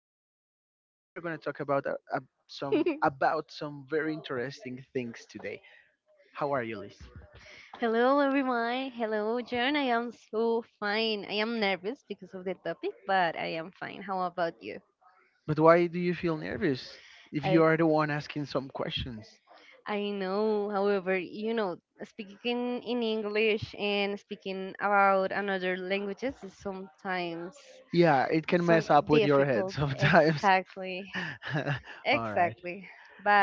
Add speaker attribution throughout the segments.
Speaker 1: that is talk that we are going to talk about some very interesting things today. How are you, Liz?
Speaker 2: Hello, everyone. Hello, John. I am so fine. I am nervous because of the topic, but I am fine. How about you?
Speaker 1: But why do you feel nervous if
Speaker 2: I,
Speaker 1: you are the one asking some questions?
Speaker 2: I know, however, you know, speaking in English and speaking about another languages is sometimes
Speaker 1: Yeah, it can
Speaker 2: some
Speaker 1: mess up with your head
Speaker 2: difficult.
Speaker 1: sometimes.
Speaker 2: Exactly.
Speaker 1: All right,
Speaker 2: Exactly.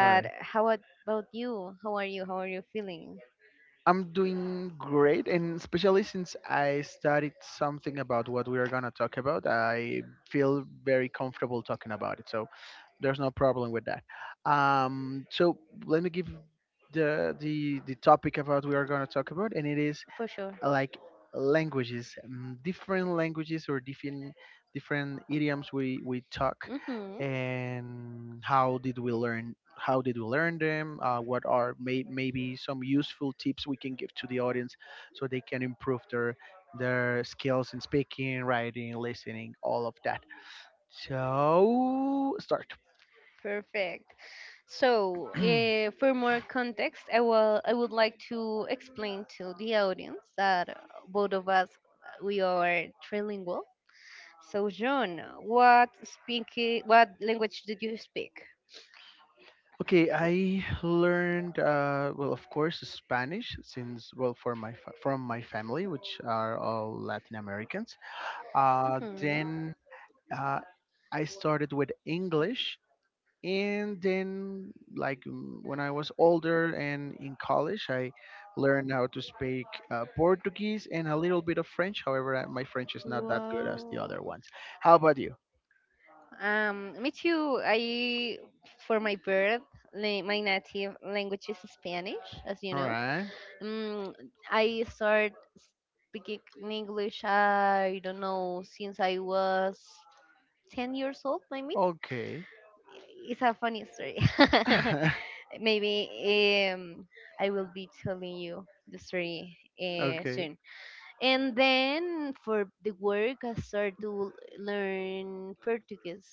Speaker 1: all right.
Speaker 2: about you? How are you? How are you feeling?
Speaker 1: I'm doing great, and especially since I studied something about what we are gonna talk about, I feel very comfortable talking about it. So there's no problem with that. Um, so let me give the topic about we are gonna talk about, and it is
Speaker 2: For sure.
Speaker 1: like languages, different languages or different idioms we talk,
Speaker 2: Mm-hmm.
Speaker 1: and how did we learn? How did we learn them? Maybe some useful tips we can give to the audience so they can improve their skills in speaking, writing, listening, all of that. So start.
Speaker 2: Perfect. So, for more context, I would like to explain to the audience that both of us we are trilingual. So, John, what language did you speak?
Speaker 1: Okay, I learned well, of course, Spanish since, well, for my from my family, which are all Latin Americans.
Speaker 2: Mm-hmm.
Speaker 1: Then uh, I started with English, and then like, when I was older and in college, I learned how to speak Portuguese and a little bit of French. However, my French is not that good as the
Speaker 2: Wow.
Speaker 1: other ones. How about you?
Speaker 2: Me too. I, for my birth, my native language is Spanish, as you
Speaker 1: All
Speaker 2: know.
Speaker 1: right.
Speaker 2: Um, I start speaking English, I don't know, since I was 10 years old, maybe.
Speaker 1: Okay.
Speaker 2: It's a funny story. Maybe I will be telling you the story
Speaker 1: Okay.
Speaker 2: soon. And then for the work, I started to learn Portuguese.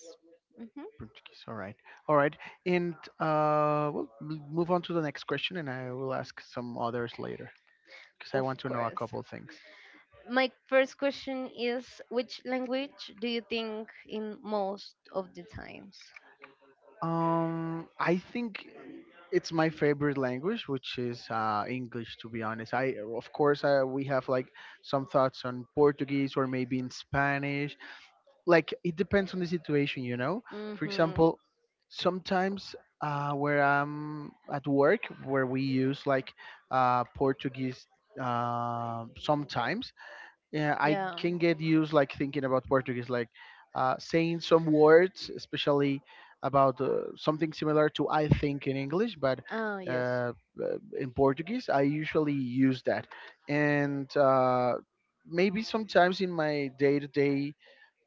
Speaker 2: hmm
Speaker 1: Portuguese. All right. All right. And we'll move on to the next question, and I will ask some others later because I want
Speaker 2: Of
Speaker 1: to know a
Speaker 2: course.
Speaker 1: couple things.
Speaker 2: My first question is which language do you think in most of the times?
Speaker 1: I think it's my favorite language, which is English. To be honest, I of course I, we have like some thoughts on Portuguese or maybe in Spanish, like it depends on the situation.
Speaker 2: mm
Speaker 1: For
Speaker 2: hmm
Speaker 1: example, sometimes where I'm at work, where we use like Portuguese sometimes, yeah, I
Speaker 2: Yeah.
Speaker 1: can get used like thinking about Portuguese, like saying some words, especially about something similar to I think in English, but.
Speaker 2: Ah, yes.
Speaker 1: Uh, in Portuguese, I usually use that, and maybe sometimes in my day-to-day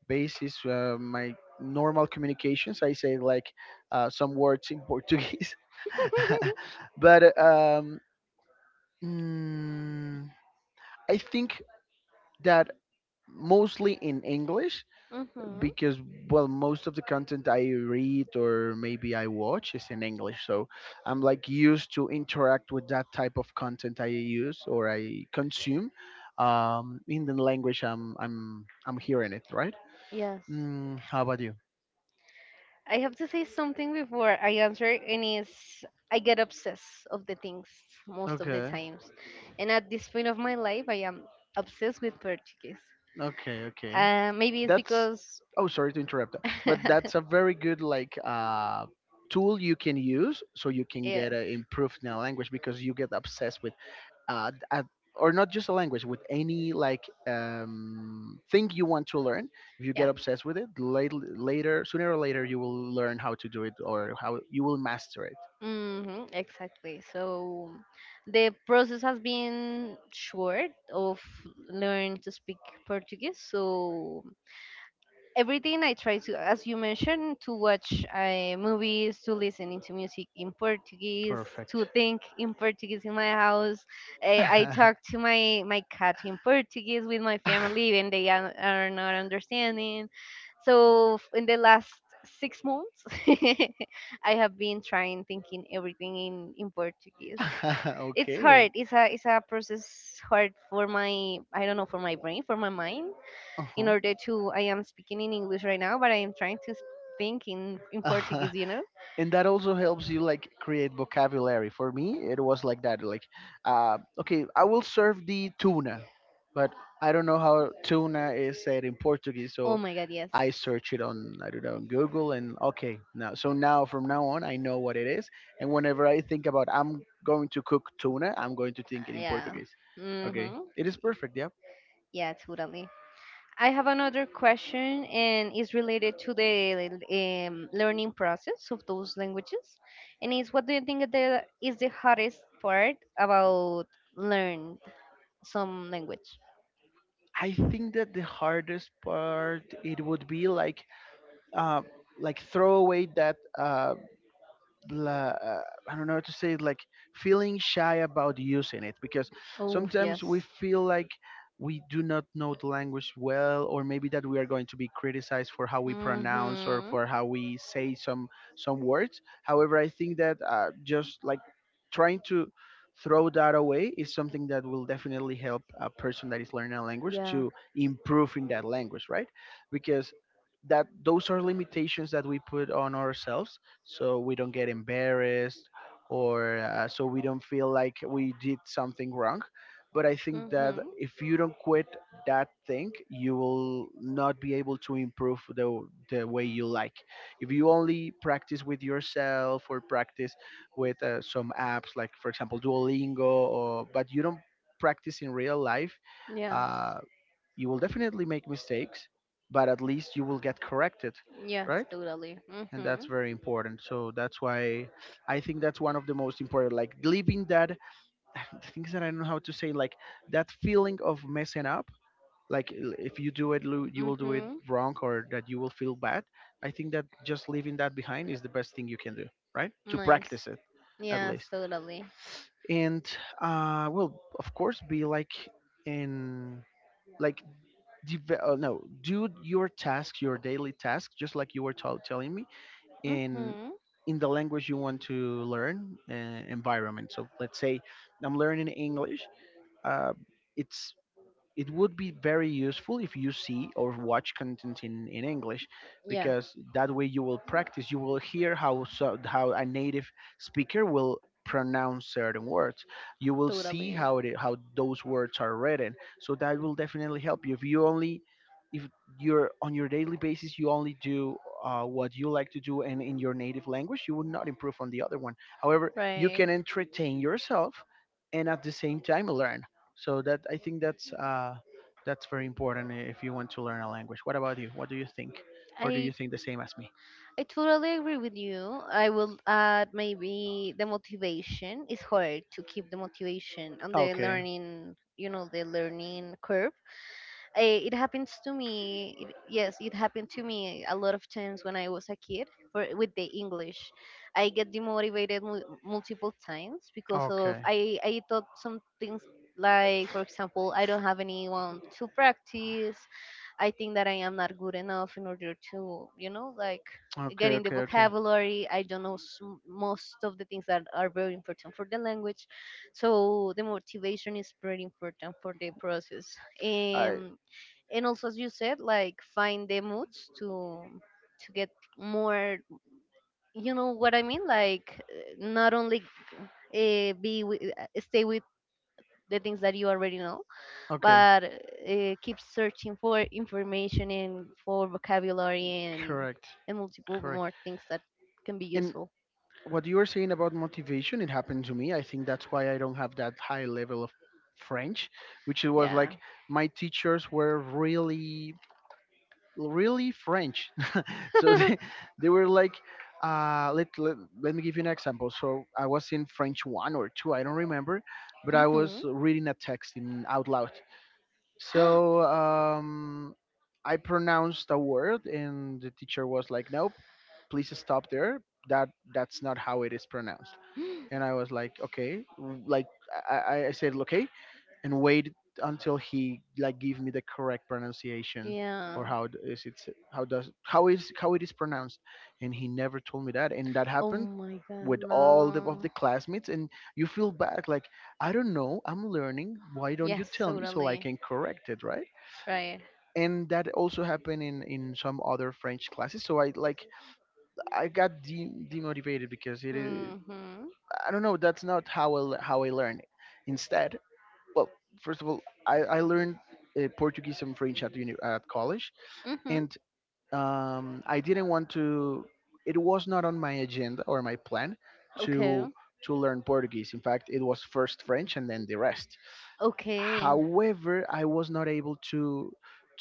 Speaker 1: basis, my normal communications, I say like some words in Portuguese. But mm, I think that mostly in English,
Speaker 2: Mhm.
Speaker 1: because well, most of the content I read or maybe I watch is in English, so I'm like used to interact with that type of content I use or I consume in the language I'm hearing it, right?
Speaker 2: Yes.
Speaker 1: How about you?
Speaker 2: I have to say something before I answer, and is I get obsessed of the things most of the
Speaker 1: Okay.
Speaker 2: times, and at this point of my life, I am obsessed with Portuguese.
Speaker 1: Okay, okay.
Speaker 2: Maybe it's
Speaker 1: That's
Speaker 2: because,
Speaker 1: Oh, sorry to interrupt, but that's a very good like tool you can use so you can get
Speaker 2: yes,
Speaker 1: improved in a language, because you get obsessed with uh, d- uh or not just a language, with any like thing you want to learn. If you get
Speaker 2: yeah.
Speaker 1: obsessed with it, later, sooner or later, you will learn how to do it or how you will master it
Speaker 2: Exactly. So the process has been short of learning to speak Portuguese. So everything I try to, as you mentioned, to watch movies, to listening to music in Portuguese,
Speaker 1: perfect.
Speaker 2: to think in Portuguese in my house. I talk to my cat in Portuguese with my family, and they are not understanding. So in the last 6 months, I have been trying thinking everything in Portuguese. It's
Speaker 1: Okay.
Speaker 2: hard. It's a process hard for my I don't know for my brain for my mind in
Speaker 1: Uh-huh.
Speaker 2: order to I am speaking in English right now, but I am trying to think in
Speaker 1: Uh,
Speaker 2: Portuguese, you know?
Speaker 1: and that also helps you like create vocabulary. For me, it was like that. Like, okay, I will serve the tuna, but I don't know how tuna is said in Portuguese,
Speaker 2: Oh
Speaker 1: so
Speaker 2: my god, yes.
Speaker 1: I search it on, I don't know, on Google, and okay, now, so now from now on I know what it is, and whenever I think about I'm going to cook tuna, I'm going to think it in
Speaker 2: Yeah.
Speaker 1: Portuguese. Okay,
Speaker 2: Mhm.
Speaker 1: it is perfect. Yeah,
Speaker 2: Yeah, totally. I have another question, and it's related to the learning process of those languages. And it's what do you think is the hardest part about learn some language?
Speaker 1: I think that the hardest part, it would be like uh throw away that blah, uh, I don't know how to say it, like feeling shy about using it, because
Speaker 2: Oh yes.
Speaker 1: sometimes we feel like we do not know the language well, or maybe that we are going to be criticized for how we pronounce or
Speaker 2: Mm-hmm.
Speaker 1: for how we say some words. However, I think that just like trying to throw that away is something that will definitely help a person that is learning a language
Speaker 2: Yeah.
Speaker 1: to improve in that language, right? Because that those are limitations that we put on ourselves so we don't get embarrassed, or so we don't feel like we did something wrong. But I think that
Speaker 2: Mm-hmm.
Speaker 1: if you don't quit that thing, you will not be able to improve the way you like, if you only practice with yourself or practice with some apps, like for example Duolingo, or but you don't practice in real life,
Speaker 2: Yes.
Speaker 1: uh, you will definitely make mistakes, but at least you will get corrected,
Speaker 2: Yes,
Speaker 1: right?
Speaker 2: totally.
Speaker 1: And that's
Speaker 2: Mm-hmm.
Speaker 1: very important, so that's why I think that's one of the most important, like leaving that things that I don't know how to say, like that feeling of messing up, like if you do it, you will do it
Speaker 2: Mm-hmm.
Speaker 1: wrong, or that you will feel bad. I think that just leaving that behind is the best thing you can do, right, to practice
Speaker 2: Nice.
Speaker 1: it, at
Speaker 2: Yes,
Speaker 1: least.
Speaker 2: totally.
Speaker 1: And well, of course, be like in like deve- no do your tasks, your daily tasks, just like you were telling me, in
Speaker 2: Mm-hmm.
Speaker 1: in the language you want to learn environment. So let's say I'm learning English, uh, it's it would be very useful if you see or watch content in English,
Speaker 2: Yeah,
Speaker 1: because that way you will practice. You will hear how a native speaker will pronounce certain words. You will see
Speaker 2: totally.
Speaker 1: how those words are written. So that will definitely help you. If you only, if you're on your daily basis, you only do what you like to do and in your native language, you will not improve on the other one. However, you
Speaker 2: Right.
Speaker 1: can entertain yourself and at the same time learn. So that, I think that's very important if you want to learn a language. What about you? What do you think, or do
Speaker 2: I
Speaker 1: you think the same as me?
Speaker 2: I totally agree with you. I will add maybe the motivation. It's hard to keep the motivation on the
Speaker 1: Okay,
Speaker 2: learning, you know, the learning curve. Eh, it happens to me. It, yes, it happened to me a lot of times when I was a kid for with the English. I get demotivated multiple times because of
Speaker 1: okay,
Speaker 2: I thought some things like for example I don't have anyone to practice. I think that I am not good enough in order to you know like
Speaker 1: okay,
Speaker 2: getting the
Speaker 1: okay, okay.
Speaker 2: vocabulary. I don't know most of the things that are very important for the language. So the motivation is pretty important for the process.
Speaker 1: I
Speaker 2: Um, and also as you said like find the moods to get more you know what I mean like not only stay with the things that you already know
Speaker 1: okay,
Speaker 2: but keep searching for information and for vocabulary and
Speaker 1: correct,
Speaker 2: and multiple
Speaker 1: correct.
Speaker 2: more things that can be
Speaker 1: And
Speaker 2: useful
Speaker 1: what you were saying about motivation, it happened to me. I think that's why I don't have that high level of French, which it was
Speaker 2: yeah
Speaker 1: like, my teachers were really, really French. So they, they were like, uh, let, let, let me give you an example. So I was in French one or two, I don't remember, but I was
Speaker 2: Mhm.
Speaker 1: reading a text in out loud. So I pronounced a word and the teacher was like, nope, please stop there, that that's not how it is pronounced. And I was like, okay, like, I said okay and wait until he like give me the correct pronunciation,
Speaker 2: Yeah.
Speaker 1: or how d- is it s- how does how is how it is pronounced. And he never told me that, and that
Speaker 2: Oh
Speaker 1: happened
Speaker 2: my god,
Speaker 1: with of the
Speaker 2: no.
Speaker 1: classmates. And you feel bad, like, I don't know, I'm learning, why don't you
Speaker 2: Yes,
Speaker 1: tell me so I
Speaker 2: totally.
Speaker 1: can correct it, right?
Speaker 2: Right.
Speaker 1: And that also happened in some other French classes. So I got demotivated, because it is,
Speaker 2: Mm-hmm.
Speaker 1: I don't know, that's not how how I learn. Instead, well, first of all, I learned Portuguese and French at college,
Speaker 2: Mm-hmm.
Speaker 1: and I didn't want to. It was not on my agenda or my plan
Speaker 2: Okay.
Speaker 1: to learn Portuguese. In fact, it was first French and then the rest.
Speaker 2: Okay.
Speaker 1: However, I was not able to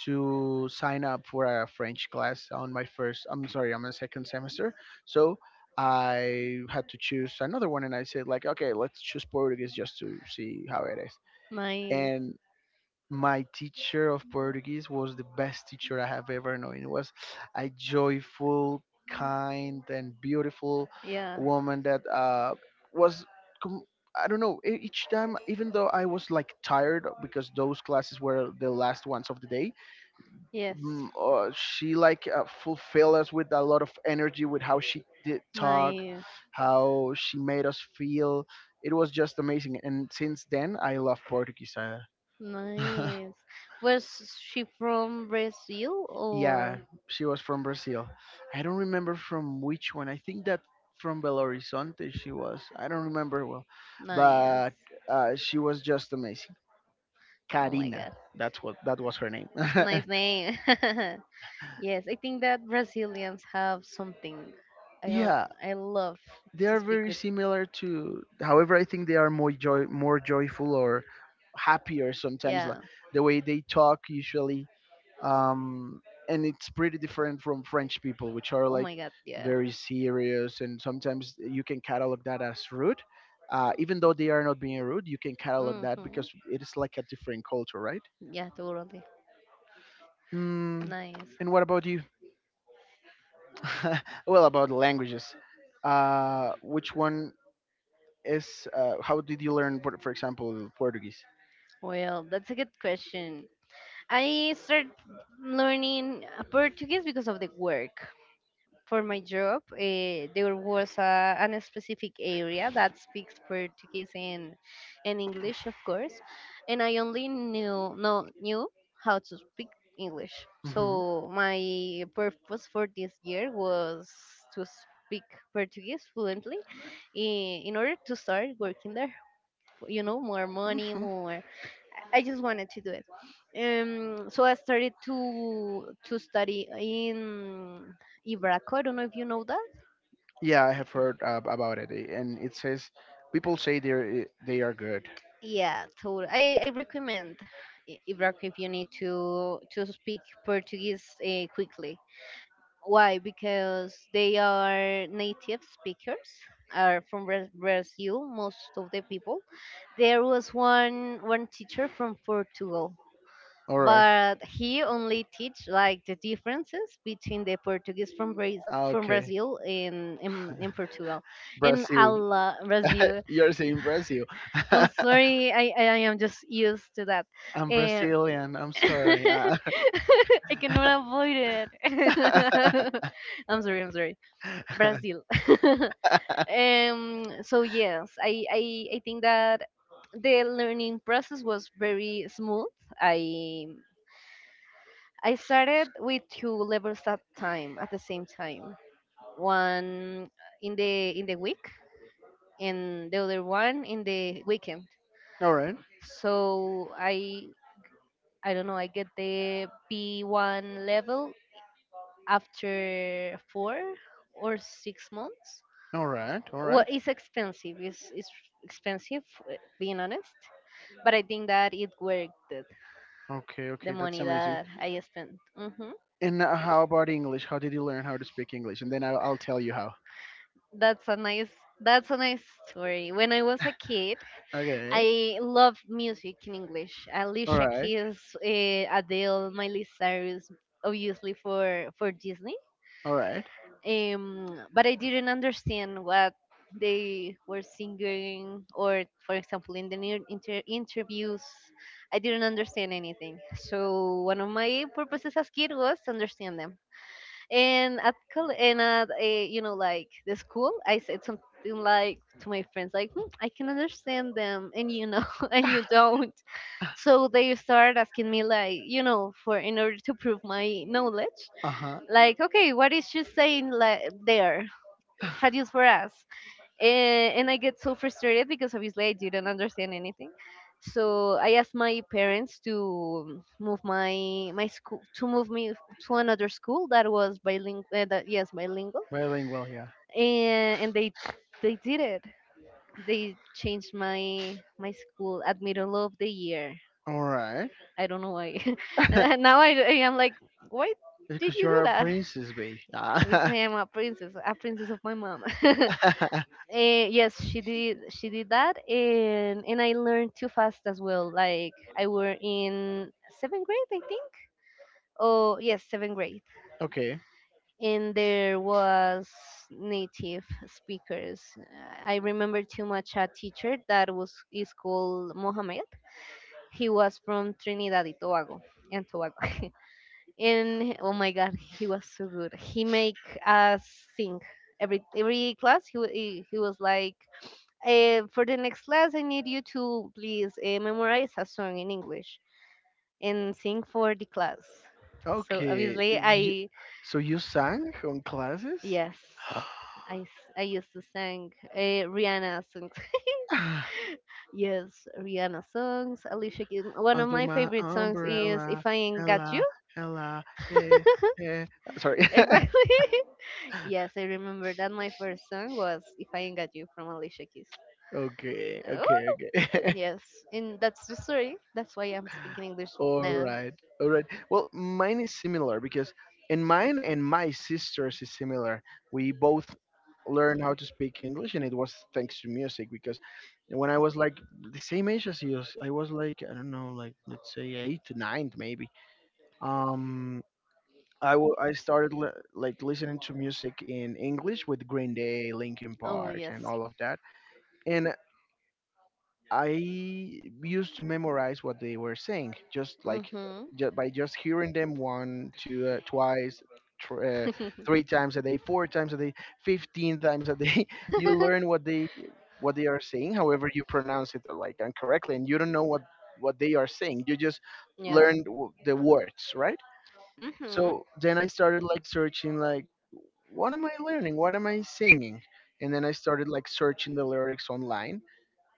Speaker 1: sign up for a French
Speaker 2: Class.
Speaker 1: class on my first.
Speaker 2: I'm
Speaker 1: I'm
Speaker 2: sorry,
Speaker 1: sorry, on
Speaker 2: on
Speaker 1: my
Speaker 2: the second
Speaker 1: second
Speaker 2: semester,
Speaker 1: semester. So
Speaker 2: I
Speaker 1: I had to choose another one, and I said like, okay, let's choose Portuguese just to see how it is.
Speaker 2: nice. And
Speaker 1: And my teacher of Portuguese was the best teacher I have ever known. It was a joyful, kind, and beautiful
Speaker 2: yeah.
Speaker 1: woman that was. Com- I don't know. Each time, even though I was like tired because those classes were the last ones of the day,
Speaker 2: Yes. She
Speaker 1: she
Speaker 2: like
Speaker 1: like
Speaker 2: fulfilled
Speaker 1: fulfilled
Speaker 2: us
Speaker 1: us
Speaker 2: with
Speaker 1: with
Speaker 2: a
Speaker 1: a lot
Speaker 2: lot
Speaker 1: of energy, with
Speaker 2: of
Speaker 1: how
Speaker 2: helps.
Speaker 1: she did talk,
Speaker 2: Nice.
Speaker 1: how she made us feel. It was just amazing. And since then, I love Portuguese.
Speaker 2: Nice. Was she from Brazil? Yeah,
Speaker 1: Yeah,
Speaker 2: or?
Speaker 1: she was from Brazil. I don't remember from which one. I think that from Belo Horizonte she was. I don't remember well,
Speaker 2: Nice.
Speaker 1: but she was just amazing.
Speaker 2: Oh my
Speaker 1: Karina,
Speaker 2: God.
Speaker 1: that's what that was her name.
Speaker 2: Nice name. Yes, I think that Brazilians have something.
Speaker 1: Yeah,
Speaker 2: I love
Speaker 1: they
Speaker 2: to
Speaker 1: are
Speaker 2: speak
Speaker 1: very
Speaker 2: with.
Speaker 1: similar to, however I think they are more joyful or happier sometimes, like
Speaker 2: Yeah.
Speaker 1: the way they talk usually. um and it's pretty different from French people, which are
Speaker 2: Oh
Speaker 1: like
Speaker 2: my god, yeah.
Speaker 1: very serious, and sometimes you can catalog that as rude, even though they are not being rude. You can catalog that
Speaker 2: hmm
Speaker 1: because it is like a different culture, right?
Speaker 2: Yeah, totally.
Speaker 1: mm,
Speaker 2: Nice.
Speaker 1: and what about you? Well, about languages, which one is how did you learn, for example, Portuguese?
Speaker 2: Well, that's a good question. I started learning Portuguese because of the work. For my job, there was a, an specific area that speaks Portuguese and English, of course, and I only knew no knew how to speak English.
Speaker 1: Hmm.
Speaker 2: So my purpose for this year was to speak Portuguese fluently, in order to start working there. You know, more money,
Speaker 1: Hmm.
Speaker 2: more I just wanted to do it. So I started to study in Ibraco. I don't know if you know that.
Speaker 1: Yeah, I have
Speaker 2: Y-
Speaker 1: heard about it, and it says people say they are good.
Speaker 2: Yeah, totally. I recommend Ibraco if you need to speak Portuguese quickly. Why? Because they are native speakers. Are from Brazil, most of the people. There was one teacher from Portugal,
Speaker 1: All right.
Speaker 2: but he only teach like the differences between the Portuguese from Brazil
Speaker 1: Ah, okay.
Speaker 2: In Portugal and
Speaker 1: Brazil.
Speaker 2: Allah Brazil.
Speaker 1: You're saying Brazil.
Speaker 2: I'm sorry, I am just used to that.
Speaker 1: I'm
Speaker 2: And
Speaker 1: Brazilian. I'm sorry.
Speaker 2: I cannot avoid it. I'm sorry, I'm sorry. Brazil. So yes, I think that the learning process was very smooth. I I started with two levels at time at the same time. One in the week and the other one in the weekend.
Speaker 1: All right.
Speaker 2: So I don't know, I get the B1 level after 4 or 6 months.
Speaker 1: All right. All
Speaker 2: Well,
Speaker 1: right.
Speaker 2: it's expensive. It's expensive, being honest. But I think that it worked it,
Speaker 1: Okay.
Speaker 2: the
Speaker 1: Okay. That's
Speaker 2: money
Speaker 1: amazing.
Speaker 2: that I spent. hmm
Speaker 1: And how about English? How did you learn how to speak English? And then I'll tell you how.
Speaker 2: That's a nice that's a nice story. When I was a kid,
Speaker 1: Okay.
Speaker 2: I love music in English.
Speaker 1: All
Speaker 2: Alicia
Speaker 1: right.
Speaker 2: Keys, Adele, Miley Cyrus, obviously for Disney.
Speaker 1: All right.
Speaker 2: But I didn't understand what they were singing, or for example, in the new interviews, I didn't understand anything. So one of my purposes as kid was to understand them and at and at a, you know like the school I said something like to my friends like "Hmm, I can understand them and you know and you don't so they started asking me like you know for in order to prove my knowledge
Speaker 1: Uh huh.
Speaker 2: like okay what is she saying like there traduce for us and I get so frustrated because obviously I didn't understand anything. So I asked my parents to move my my school to move me to another school that was bilingual. That yes, bilingual,
Speaker 1: Bilingual, yeah.
Speaker 2: and they did it. They changed my school at middle of the year.
Speaker 1: All right.
Speaker 2: I don't know why. And now I am like, why did
Speaker 1: Because
Speaker 2: you do
Speaker 1: you're a
Speaker 2: that?
Speaker 1: princess, babe.
Speaker 2: Because I
Speaker 1: Ah.
Speaker 2: am a princess of my mom. Yes, she did. She did that, and I learned too fast as well. Like I were in seventh grade, I think. Oh yes, seventh grade,
Speaker 1: Okay.
Speaker 2: and there was native speakers. I remember too much a teacher that was is called Mohammed. He was from Trinidad and Tobago, and Tobago. And oh my God, he was so good. He make us sing every class. He was like, for the next class, I need you to please memorize a song in English and sing for the class. So
Speaker 1: Okay.
Speaker 2: obviously, I
Speaker 1: So you sang on classes?
Speaker 2: yes, I used to sing Rihanna songs.
Speaker 1: Ah,
Speaker 2: Yes, Rihanna songs. Alicia Keys. One of
Speaker 1: under
Speaker 2: my
Speaker 1: my
Speaker 2: favorite songs is
Speaker 1: umbrella,
Speaker 2: "If I Ain't Got You."
Speaker 1: Ella, Ella, eh, eh. Sorry.
Speaker 2: Exactly. Yes, I remember that my first song was "If I Ain't Got You" from Alicia Keys.
Speaker 1: Okay,
Speaker 2: Oh.
Speaker 1: okay, okay.
Speaker 2: Yes, and that's the story. That's why I'm speaking English
Speaker 1: All
Speaker 2: now.
Speaker 1: right, all right. Well, mine is similar, and mine and my sister's is similar. We both learned how to speak English, and it was thanks to music. Because when I was like the same age as you, I was like, I don't know, like let's say 8, 9 maybe. Um, I started like listening to music in English with Green Day, Linkin
Speaker 2: Oh
Speaker 1: Park,
Speaker 2: yes.
Speaker 1: and all of that. And I used to memorize what they were saying, just like
Speaker 2: Mhm.
Speaker 1: just by just hearing them one, two, twice, tr- uh, three times a day, four times a day, 15 times a day. You learn what they are saying. However, you pronounce it like incorrectly, and you don't know what they are saying. You just
Speaker 2: Yeah.
Speaker 1: learned the words, right?
Speaker 2: Mhm.
Speaker 1: So then I started like searching, like, what am I learning? What am I singing? And then I started like searching the lyrics online,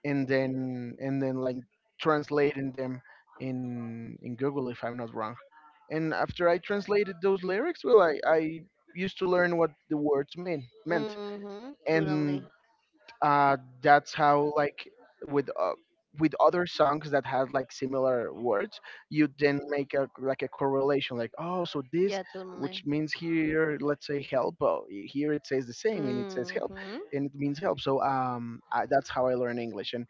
Speaker 1: and then like translating them in Google, if I'm not wrong. And after I translated those lyrics, well, I used to learn what the words meant,
Speaker 2: Mhm.
Speaker 1: and
Speaker 2: Totally.
Speaker 1: that's how, like, with uh, with other songs that have like similar words, you then make a like a correlation, like, oh, so this
Speaker 2: Yeah. Totally.
Speaker 1: which means, here let's say help, oh, here it says the same, and it says help,
Speaker 2: Mhm.
Speaker 1: and it means help. So that's how I learned English. And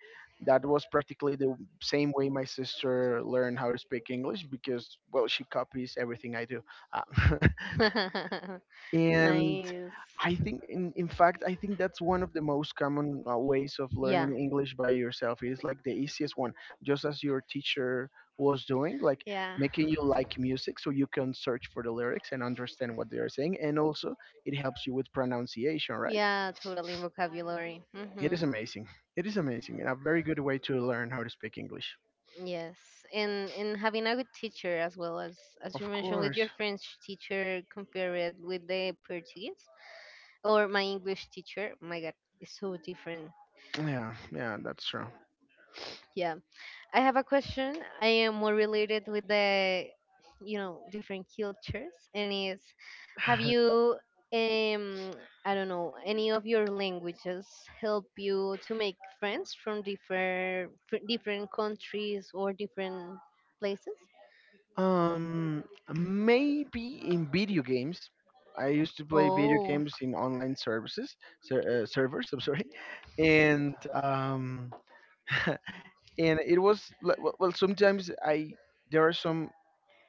Speaker 1: that was practically the same way my sister learned how to speak English, because, well, she copies everything I do. Uh, and
Speaker 2: Nice.
Speaker 1: I think, in fact, I think that's one of the most common ways of
Speaker 2: Yeah.
Speaker 1: learning English by yourself. It's like the easiest one, just as your teacher was doing, like
Speaker 2: Yeah.
Speaker 1: making you like music so you can search for the lyrics and understand what they are saying. And also, it helps you with pronunciation, right?
Speaker 2: Yeah, totally vocabulary.
Speaker 1: It is amazing. It is amazing and a very good way to learn how to speak English.
Speaker 2: Yes, and having a good teacher as well as you
Speaker 1: Of
Speaker 2: mentioned with
Speaker 1: course.
Speaker 2: your French teacher compared with the Portuguese or my English teacher. My God, it's so different.
Speaker 1: Yeah, yeah, that's true.
Speaker 2: Yeah, I have a question. I am more related with you know, different cultures, and is, have you, um, I don't know, any of your languages help you to make friends from different different countries or different places?
Speaker 1: Um, Maybe in video games. I used to play video
Speaker 2: Oh,
Speaker 1: games in online services, servers. I'm sorry, and and it was li- Well. Sometimes I there are some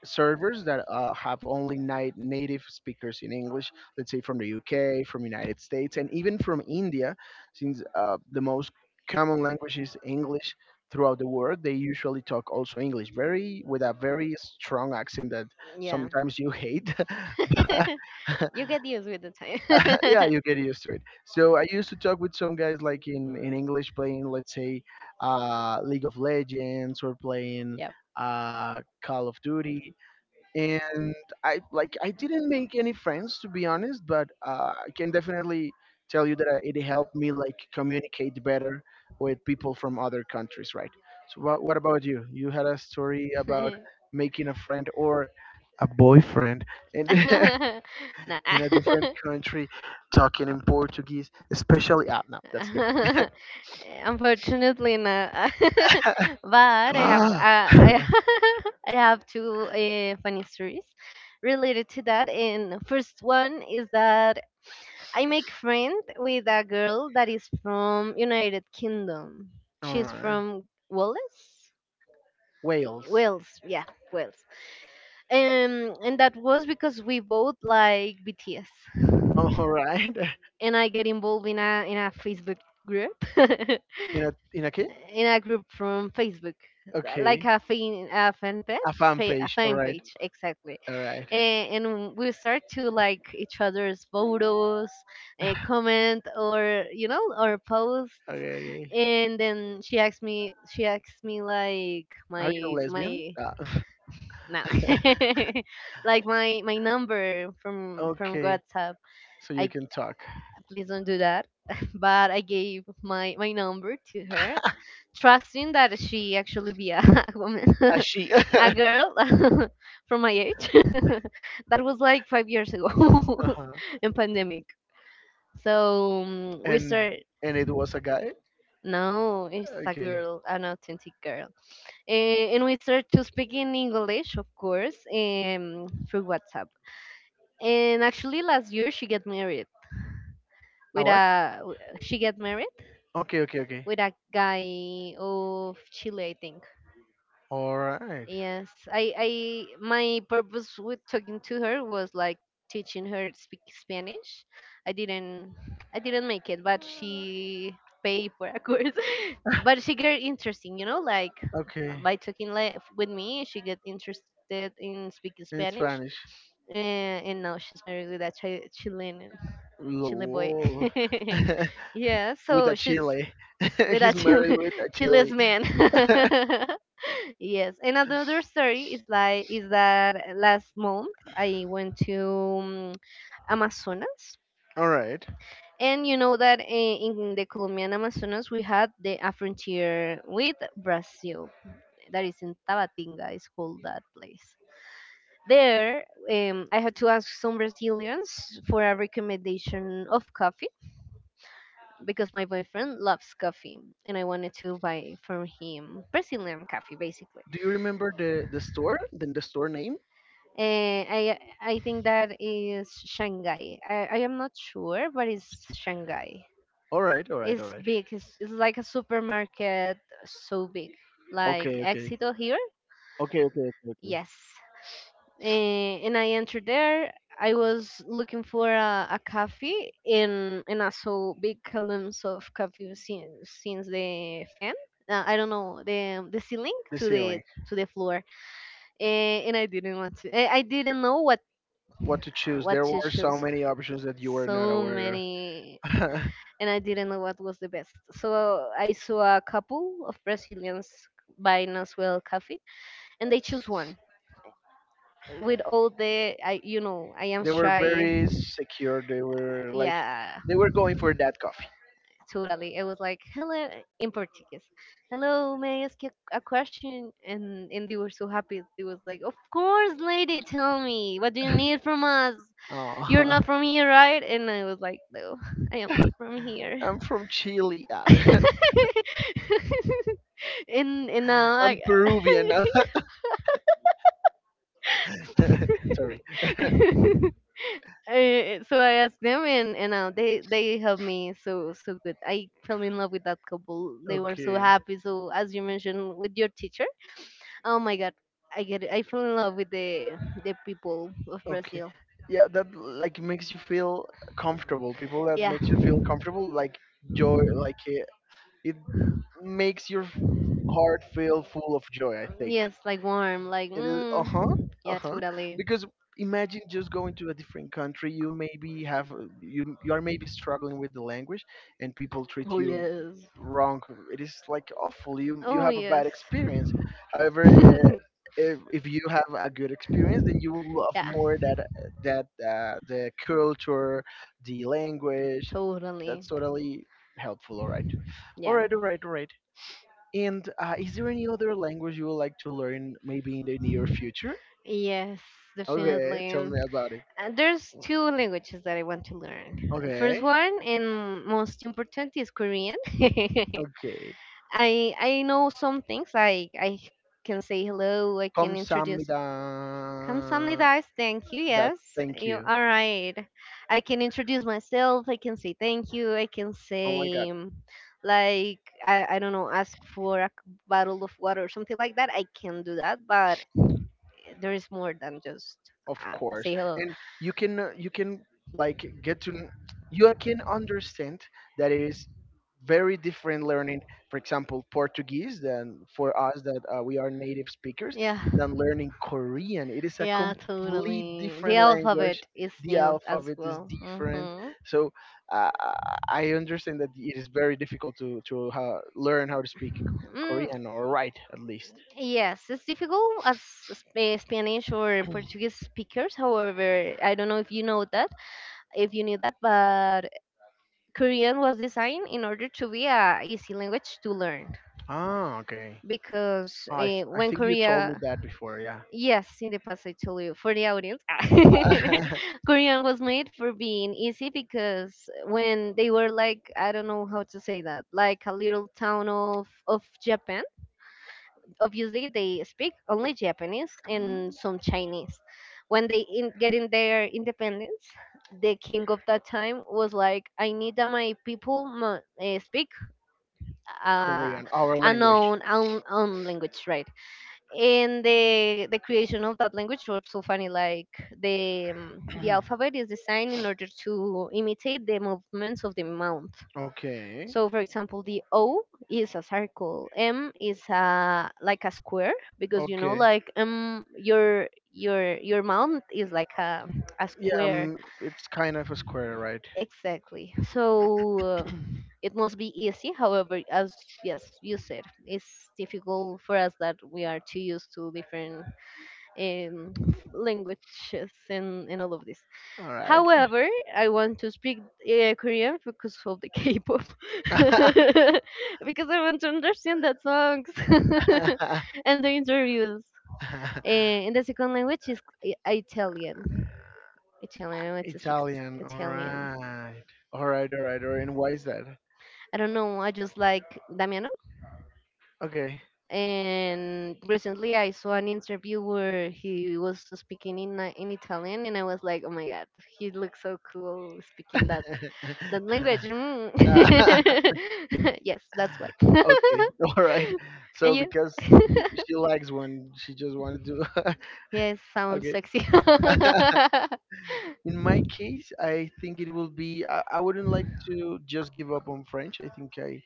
Speaker 1: servers that have only native speakers in English, let's say from the UK, from United States, and even from India, since the most common language is English throughout the world. They usually talk also English, very with a very strong accent that
Speaker 2: yeah.
Speaker 1: sometimes you hate.
Speaker 2: You get used with the time.
Speaker 1: Yeah, you get used to it. So I used to talk with some guys like in English, playing, let's say, League of Legends, or playing
Speaker 2: Yeah.
Speaker 1: Call of Duty, and I didn't make any friends, to be honest, but I can definitely tell you that it helped me like communicate better with people from other countries, right? So what about you? You had a story about making a friend or a boyfriend in
Speaker 2: Nah.
Speaker 1: in a different country, talking in Portuguese, especially. Ah, no, that's a joke.
Speaker 2: Unfortunately, not. but I I have two funny stories related to that. And first one is that I make friend with a girl that is from United Kingdom.
Speaker 1: All
Speaker 2: She's
Speaker 1: right,
Speaker 2: from Wales.
Speaker 1: Wales.
Speaker 2: Wales, yeah, Wales. And that was because we both like BTS,
Speaker 1: All right,
Speaker 2: and I get involved in a Facebook group, in
Speaker 1: in a key?
Speaker 2: a group from Facebook, like
Speaker 1: Okay.
Speaker 2: a fan
Speaker 1: A
Speaker 2: page,
Speaker 1: fan
Speaker 2: a
Speaker 1: page. All
Speaker 2: fan
Speaker 1: right.
Speaker 2: page, exactly.
Speaker 1: All right.
Speaker 2: And we start to like each other's photos, comment, or or post.
Speaker 1: Okay. Okay.
Speaker 2: And then she asked me like
Speaker 1: Are you a
Speaker 2: my
Speaker 1: lesbian?
Speaker 2: my
Speaker 1: Ah.
Speaker 2: nah like my number from
Speaker 1: Okay.
Speaker 2: WhatsApp.
Speaker 1: So you
Speaker 2: I
Speaker 1: can talk.
Speaker 2: please don't do that. But I gave my number to her, trusting that she actually be a a woman
Speaker 1: A she.
Speaker 2: a
Speaker 1: Uh-huh.
Speaker 2: girl from my age. That was like 5 years ago in pandemic. So we
Speaker 1: And
Speaker 2: start.
Speaker 1: and it was a guy.
Speaker 2: No, it's a
Speaker 1: Okay.
Speaker 2: girl, an authentic girl. Eh, and we started to speak in English, of course, through WhatsApp. And actually, last year she get married
Speaker 1: A
Speaker 2: with
Speaker 1: what?
Speaker 2: a w- she get married
Speaker 1: Okay. Okay. Okay.
Speaker 2: with a guy of Chile, I think.
Speaker 1: All right.
Speaker 2: Yes, I my purpose with talking to her was like teaching her to speak Spanish. I didn't I didn't make it, but she paid for a course. But she get interesting, you know, like
Speaker 1: Okay.
Speaker 2: by talking li- with me, she get interested in speaking
Speaker 1: In
Speaker 2: Spanish,
Speaker 1: Spanish.
Speaker 2: and now she's married with a chi- Chilean Chile boy.
Speaker 1: Lol.
Speaker 2: Yeah,
Speaker 1: With
Speaker 2: so
Speaker 1: a
Speaker 2: she's
Speaker 1: chili.
Speaker 2: with a
Speaker 1: He's married
Speaker 2: Chile,
Speaker 1: with a
Speaker 2: Chile's
Speaker 1: chili.
Speaker 2: man. Yes, and another story is like is that last month I went to Amazonas.
Speaker 1: All right.
Speaker 2: And you know that eh, in the Colombian Amazonas we had the a frontier with Brazil. That is in Tabatinga, is called that place. There, I had to ask some Brazilians for a recommendation of coffee because my boyfriend loves coffee and I wanted to buy from him Brazilian coffee, basically.
Speaker 1: Do you remember the store? The store name?
Speaker 2: I think that is Shanghai. I am not sure, but it's Shanghai.
Speaker 1: All right, all right, all
Speaker 2: It's
Speaker 1: right.
Speaker 2: big. It's like a supermarket, so big, like
Speaker 1: Okay, okay,
Speaker 2: Exito here.
Speaker 1: okay, okay, okay. Okay.
Speaker 2: Yes. Eh, and I entered there. I was looking for a cafe, and I saw big columns of coffee since the fan. I don't know, the ceiling
Speaker 1: The ceiling.
Speaker 2: to the floor. Eh, and I didn't want to. I didn't know
Speaker 1: What to choose?
Speaker 2: what
Speaker 1: There
Speaker 2: to
Speaker 1: were so
Speaker 2: choose.
Speaker 1: many options that you were not
Speaker 2: So
Speaker 1: aware
Speaker 2: many,
Speaker 1: of.
Speaker 2: and I didn't know what was the best. So I saw a couple of Brazilians buying as well coffee, and they choose one. With all the, I you know, I am
Speaker 1: They were
Speaker 2: shy.
Speaker 1: very secure. They were like,
Speaker 2: Yeah,
Speaker 1: they were going for that coffee.
Speaker 2: totally. It was like, hello, in Portuguese. Hello, may I ask you a question? And they were so happy. They was like, of course, lady, tell me, what do you need from us?
Speaker 1: Oh,
Speaker 2: You're not from here, right? And I was like, no, I am not from here.
Speaker 1: I'm from Chile. Ah,
Speaker 2: And now
Speaker 1: I'm Peruvian. Ah. Sorry.
Speaker 2: I. So I asked them, and they helped me so so good. I fell in love with that couple. They were so
Speaker 1: Okay.
Speaker 2: happy. So as you mentioned with your teacher, oh my God, I get it. I fell in love with the people of
Speaker 1: Okay.
Speaker 2: Brazil.
Speaker 1: Yeah, that like makes you feel comfortable. People that
Speaker 2: Yeah,
Speaker 1: makes you feel comfortable, like joy, like, it makes your heart feel full of joy, I think.
Speaker 2: yes, like warm, like
Speaker 1: It is,
Speaker 2: mm,
Speaker 1: uh
Speaker 2: yeah,
Speaker 1: huh
Speaker 2: totally.
Speaker 1: because imagine just going to a different country. You maybe have you are maybe struggling with the language, and people treat
Speaker 2: Oh
Speaker 1: you
Speaker 2: yes.
Speaker 1: wrong. It is like awful. You
Speaker 2: Oh
Speaker 1: have a bad
Speaker 2: yes.
Speaker 1: experience. However. Uh, if, if, you have a good experience, then you will love
Speaker 2: Yeah,
Speaker 1: more that, the culture, the language.
Speaker 2: totally.
Speaker 1: That's totally helpful. All right. All
Speaker 2: Yeah.
Speaker 1: right. All right. All right. And is there any other language you would like to learn, maybe in the near future?
Speaker 2: Yes,
Speaker 1: Okay,
Speaker 2: definitely.
Speaker 1: tell me about it.
Speaker 2: There's two languages that I want to learn. First
Speaker 1: Okay,
Speaker 2: one and most important is Korean.
Speaker 1: okay.
Speaker 2: I know some things like I can say hello, I can introduce
Speaker 1: Kamsahamnida.
Speaker 2: Kamsahamnidas. Thank you.
Speaker 1: That
Speaker 2: Yes,
Speaker 1: Thank
Speaker 2: you
Speaker 1: you.
Speaker 2: all right. I can introduce myself. I can say thank you. I can
Speaker 1: Oh my.
Speaker 2: say like I don't know, ask for a c- bottle of water or something like that. I can do that, but there is more than just
Speaker 1: Of course.
Speaker 2: say hello.
Speaker 1: And you can like get to kn- you can understand that it is very different learning, for example, Portuguese, than for us, that we are native speakers,
Speaker 2: Yeah.
Speaker 1: than learning Korean. It is a
Speaker 2: Yeah,
Speaker 1: complete
Speaker 2: totally. The
Speaker 1: different language.
Speaker 2: alphabet is
Speaker 1: The
Speaker 2: new as
Speaker 1: alphabet is
Speaker 2: well.
Speaker 1: different,
Speaker 2: Mm-hmm.
Speaker 1: so uh, I understand that it is very difficult to learn how to speak
Speaker 2: Mm,
Speaker 1: Korean, or write, at least.
Speaker 2: yes, it's difficult as Sp- eh, Spanish or Portuguese speakers. However, I don't know if you know that, if you knew that, but Korean was designed in order to be a easy language to learn
Speaker 1: Ah, okay.
Speaker 2: because
Speaker 1: Oh, I
Speaker 2: when
Speaker 1: think you told me
Speaker 2: Korea,
Speaker 1: that before, yeah.
Speaker 2: yes, in the past I told you for the audience, Korean was made for being easy because when they were like I don't know how to say that, like a little town of Japan, obviously they speak only Japanese and some Chinese. When they in, getting their independence, the king of that time was like, "I need that my people mu- eh, speak uh,
Speaker 1: Korean, our
Speaker 2: a
Speaker 1: language.
Speaker 2: known own, own language, right?" And the creation of that language was so funny. Like the alphabet is designed in order to imitate the movements of the mouth.
Speaker 1: Okay,
Speaker 2: So for example, the O is a circle, M is a like a square because you know
Speaker 1: okay.
Speaker 2: like your mount is like a
Speaker 1: Yeah,
Speaker 2: square.
Speaker 1: it's kind of a square, right?
Speaker 2: Exactly. So it must be easy. However, as yes, you said, it's difficult for us that we are too used to different um, languages and all of this.
Speaker 1: All right.
Speaker 2: However, I want to speak Korean because of the K-pop, because I want to understand that songs and the interviews. Eh, and the second language is I- Italian. Italian, I want to speak
Speaker 1: Italian, all
Speaker 2: Italian.
Speaker 1: right. All right, all right, all right. And why is that?
Speaker 2: I don't know. I just like Damiano.
Speaker 1: Okay.
Speaker 2: And recently, I saw an interview where he was speaking in Italian, and I was like, "Oh my God, he looks so cool speaking the
Speaker 1: Okay,
Speaker 2: language." Mm. Yes, that's why.
Speaker 1: all right. So
Speaker 2: And you?
Speaker 1: because y she likes one, she just wanted to.
Speaker 2: Yes, sounds
Speaker 1: Okay.
Speaker 2: sexy.
Speaker 1: In my case, I think it will be. I wouldn't like to just give up on French. I think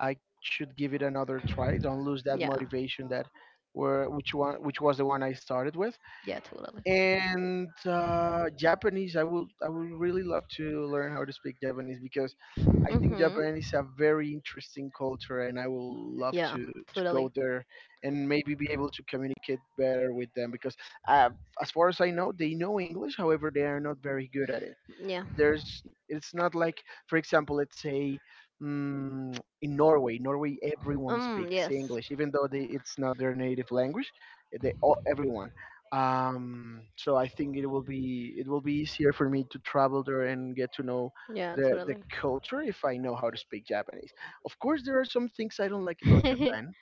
Speaker 1: I should give it another try. Don't lose that
Speaker 2: Yeah,
Speaker 1: motivation that were which was the one I started with.
Speaker 2: yeah, totally.
Speaker 1: And Japanese. I would really love to learn how to speak Japanese, because I think
Speaker 2: Mm-hmm.
Speaker 1: Japan is a very interesting culture, and I will love
Speaker 2: Yeah,
Speaker 1: to
Speaker 2: totally.
Speaker 1: go there and maybe be able to communicate better with them, because uh, as far as I know, they know English. However, they are not very good at it.
Speaker 2: Yeah.
Speaker 1: There's It's not like, for example, let's say. In Norway, everyone
Speaker 2: Mm,
Speaker 1: speaks
Speaker 2: yes.
Speaker 1: English, even though, it's not their native language. Everyone. So I think it will be easier for me to travel there and get to know
Speaker 2: Yeah,
Speaker 1: the
Speaker 2: totally.
Speaker 1: culture, if I know how to speak Japanese. Of course, there are some things I don't like about Japan.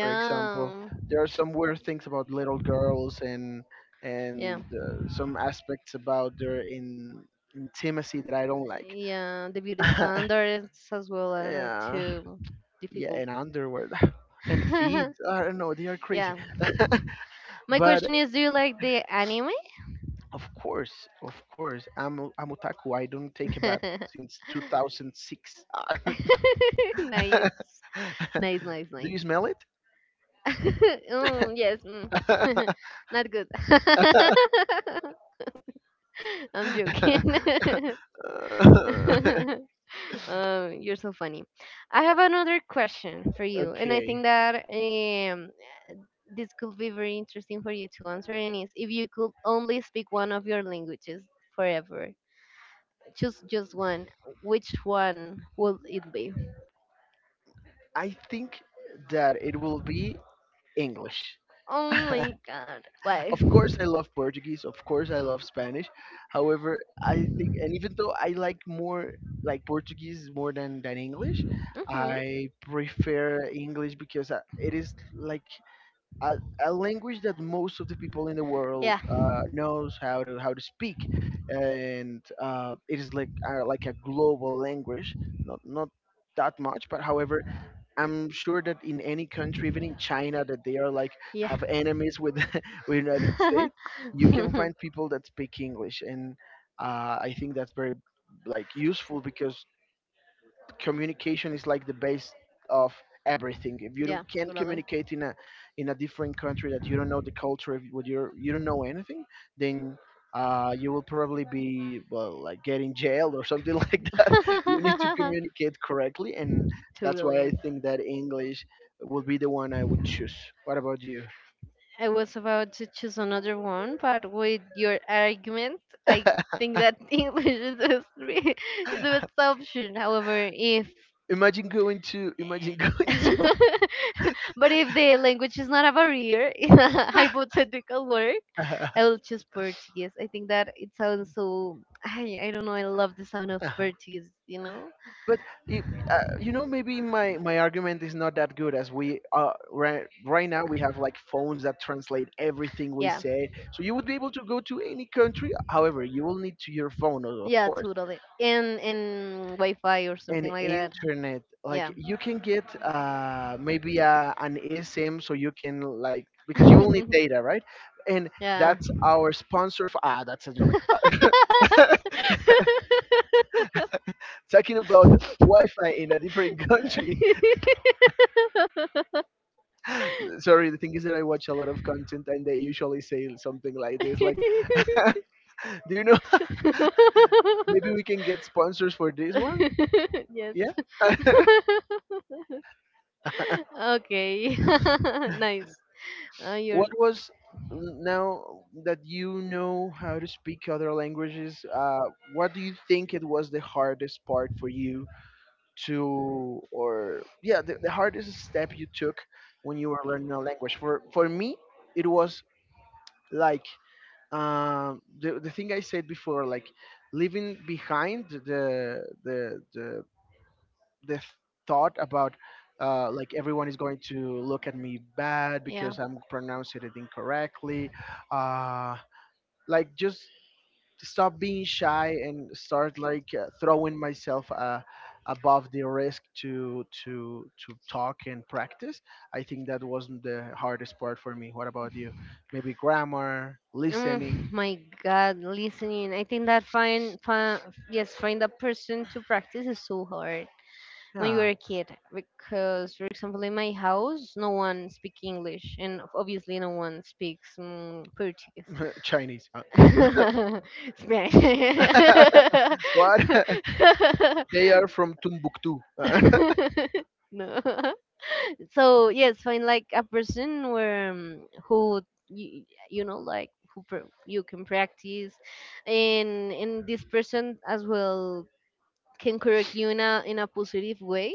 Speaker 1: For example, there are some weird things about little girls, and
Speaker 2: Yeah.
Speaker 1: some aspects about their in intimacy, that I don't like.
Speaker 2: Yeah, the beauty standards as well are
Speaker 1: Yeah,
Speaker 2: too
Speaker 1: yeah,
Speaker 2: difficult.
Speaker 1: and underwear and feet, I don't know, they are crazy.
Speaker 2: Yeah. My
Speaker 1: But
Speaker 2: question is do you like the anime?
Speaker 1: of course, of course. I'm otaku. I don't take a bath since 2006.
Speaker 2: Nice. Nice, nice,
Speaker 1: Do
Speaker 2: nice.
Speaker 1: you smell it?
Speaker 2: Mm, yes. Mm. Not good. I'm joking. You're so funny. I have another question for you, and I
Speaker 1: Okay.
Speaker 2: think that this could be very interesting for you to answer. And is if you could only speak one of your languages forever, choose just one. Which one would it be?
Speaker 1: I think that it will be English.
Speaker 2: Oh my God! Why?
Speaker 1: Of course, I love Portuguese. Of course, I love Spanish. However, I think, and even though I like more, like Portuguese more than English,
Speaker 2: Mm-hmm.
Speaker 1: I prefer English, because it is like a, a language that most of the people in the world
Speaker 2: Yeah.
Speaker 1: knows how to speak, and it is like, like a global language, not that much, but however, I'm sure that in any country, even in China, that they are like
Speaker 2: Yeah.
Speaker 1: have enemies with with United States, you can find people that speak English. And I think that's very like useful, because communication is like the base of everything. If you don't,
Speaker 2: Yeah,
Speaker 1: can't
Speaker 2: totally.
Speaker 1: communicate in a different country that you don't know the culture, if you don't know anything, then you will probably be well like getting jailed or something like that. You need to communicate correctly, and that's why
Speaker 2: Totally.
Speaker 1: I think that English will be the one I would choose. What about you?
Speaker 2: I was about to choose another one, but with your argument, I think that English is the, three- is the best option. However, if
Speaker 1: Imagine going to,
Speaker 2: but if the language is not a barrier in a hypothetical world,
Speaker 1: to
Speaker 2: I will choose Portuguese. I think that it sounds so. I don't know. I love the sound of Portuguese, you know?
Speaker 1: But if, you know, maybe my argument is not that good, as we, right now we have like phones that translate everything we
Speaker 2: Yeah.
Speaker 1: say. So you would be able to go to any country. However, you will need to your phone, of
Speaker 2: Yeah,
Speaker 1: course,
Speaker 2: totally. And Wi Fi or something
Speaker 1: and
Speaker 2: like that.
Speaker 1: internet. Like
Speaker 2: Yeah.
Speaker 1: you can get maybe an ASM, so you can, like, because you will need data, right? And
Speaker 2: Yeah.
Speaker 1: that's our sponsor for. Ah, that's a joke. Talking about Wi-Fi in a different country. Sorry, the thing is that I watch a lot of content, and they usually say something like this, like do you know? Maybe we can get sponsors for this one,
Speaker 2: Yes.
Speaker 1: yeah.
Speaker 2: Okay. Nice. You're.
Speaker 1: what was Now that you know how to speak other languages, what do you think it was the hardest part for you to or yeah the hardest step you took when you were learning a language. For me, it was like, the thing I said before, like leaving behind the thought about, like, everyone is going to look at me bad,
Speaker 2: Yeah.
Speaker 1: because I'm pronouncing it incorrectly. Uh, like, just stop being shy, and start like, throwing myself, above the risk to talk and practice. I think that wasn't the hardest part for me. What about you? Maybe grammar,
Speaker 2: Oh
Speaker 1: listening.
Speaker 2: my God, listening. I think that find yes, find a person to practice is so hard when you
Speaker 1: Yeah.
Speaker 2: were a kid. Because, for example, in my house, no one speaks English, and obviously no one speaks Portuguese.
Speaker 1: Chinese.
Speaker 2: Spanish.
Speaker 1: What? They are from Timbuktu.
Speaker 2: No. So yes, find like a person where who you, you know like who pr- you can practice, and this person as well can correct you in a positive way.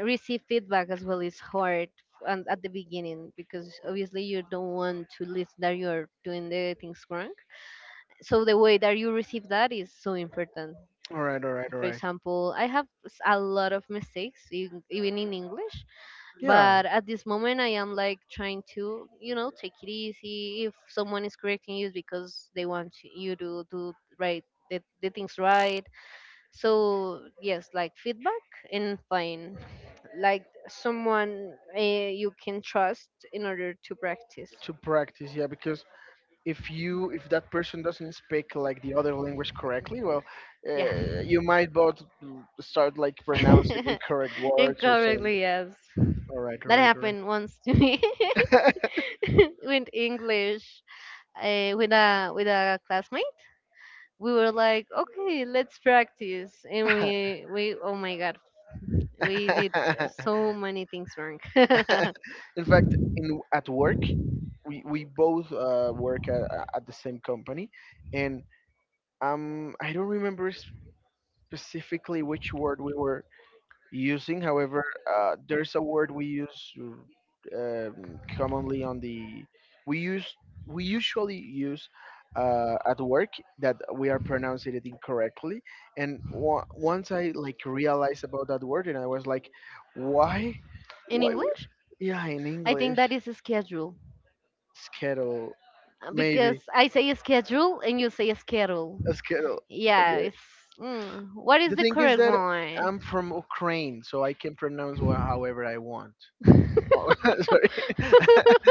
Speaker 2: Receive feedback as well is hard. And at the beginning, because obviously you don't want to list that you're doing the things wrong, so the way that you receive that is so important.
Speaker 1: All
Speaker 2: Um,
Speaker 1: right, all right, all
Speaker 2: for
Speaker 1: right.
Speaker 2: example, I have s- a lot of mistakes e- even in English,
Speaker 1: Yeah,
Speaker 2: but at this moment I am like trying to you know take it easy. If someone is correcting you, it's because they want to- you to do right the things right. So yes, like feedback and fine, like someone you can trust in order to practice.
Speaker 1: to practice. Yeah, because if that person doesn't speak like the other language correctly, well,
Speaker 2: Yeah.
Speaker 1: uh, you might both, start like pronouncing incorrect words or saying.
Speaker 2: Incorrectly, yes.
Speaker 1: All right, all
Speaker 2: That
Speaker 1: right, all right.
Speaker 2: happened once to me with English with a classmate. We were like, okay, let's practice, and we oh my God, we did so many things wrong
Speaker 1: In fact, in at work, we both work at the same company, and I don't remember specifically which word we were using. However, there's a word we use commonly on the we use we usually use, at work, that we are pronouncing it incorrectly. And once I like realized about that word, and I was like, why,
Speaker 2: in
Speaker 1: why?
Speaker 2: English.
Speaker 1: Yeah, in
Speaker 2: I think
Speaker 1: English,
Speaker 2: that is a schedule,
Speaker 1: schedule,
Speaker 2: because
Speaker 1: maybe
Speaker 2: I say schedule and you say schedule.
Speaker 1: a schedule.
Speaker 2: Yeah,
Speaker 1: Okay.
Speaker 2: it's mm, what is
Speaker 1: The
Speaker 2: the
Speaker 1: thing is
Speaker 2: correct
Speaker 1: that
Speaker 2: one?
Speaker 1: I'm from Ukraine, so I can pronounce however I want. Oh, sorry.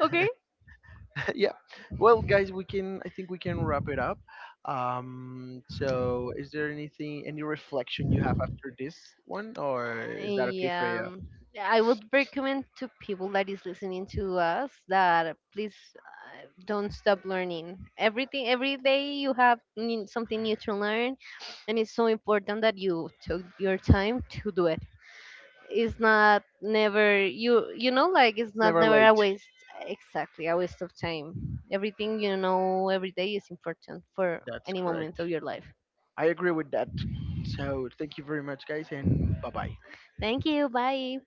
Speaker 2: Okay.
Speaker 1: Yeah. Well, guys, we can. I think we can wrap it up. So, is there anything, any reflection you have after this one, or is that okay for
Speaker 2: Yeah,
Speaker 1: you?
Speaker 2: I would recommend to people that is listening to us that please don't stop learning. Everything, every day you have n- something new to learn, and it's so important that you took your time to do it. It's not never you you know like it's
Speaker 1: It's
Speaker 2: not
Speaker 1: never
Speaker 2: never a
Speaker 1: late.
Speaker 2: waste exactly a waste of time. Everything, you know, every day is important for
Speaker 1: That's
Speaker 2: any
Speaker 1: correct.
Speaker 2: moment of your life.
Speaker 1: I agree with that. So, thank you very much, guys, and bye bye.
Speaker 2: Thank you, bye.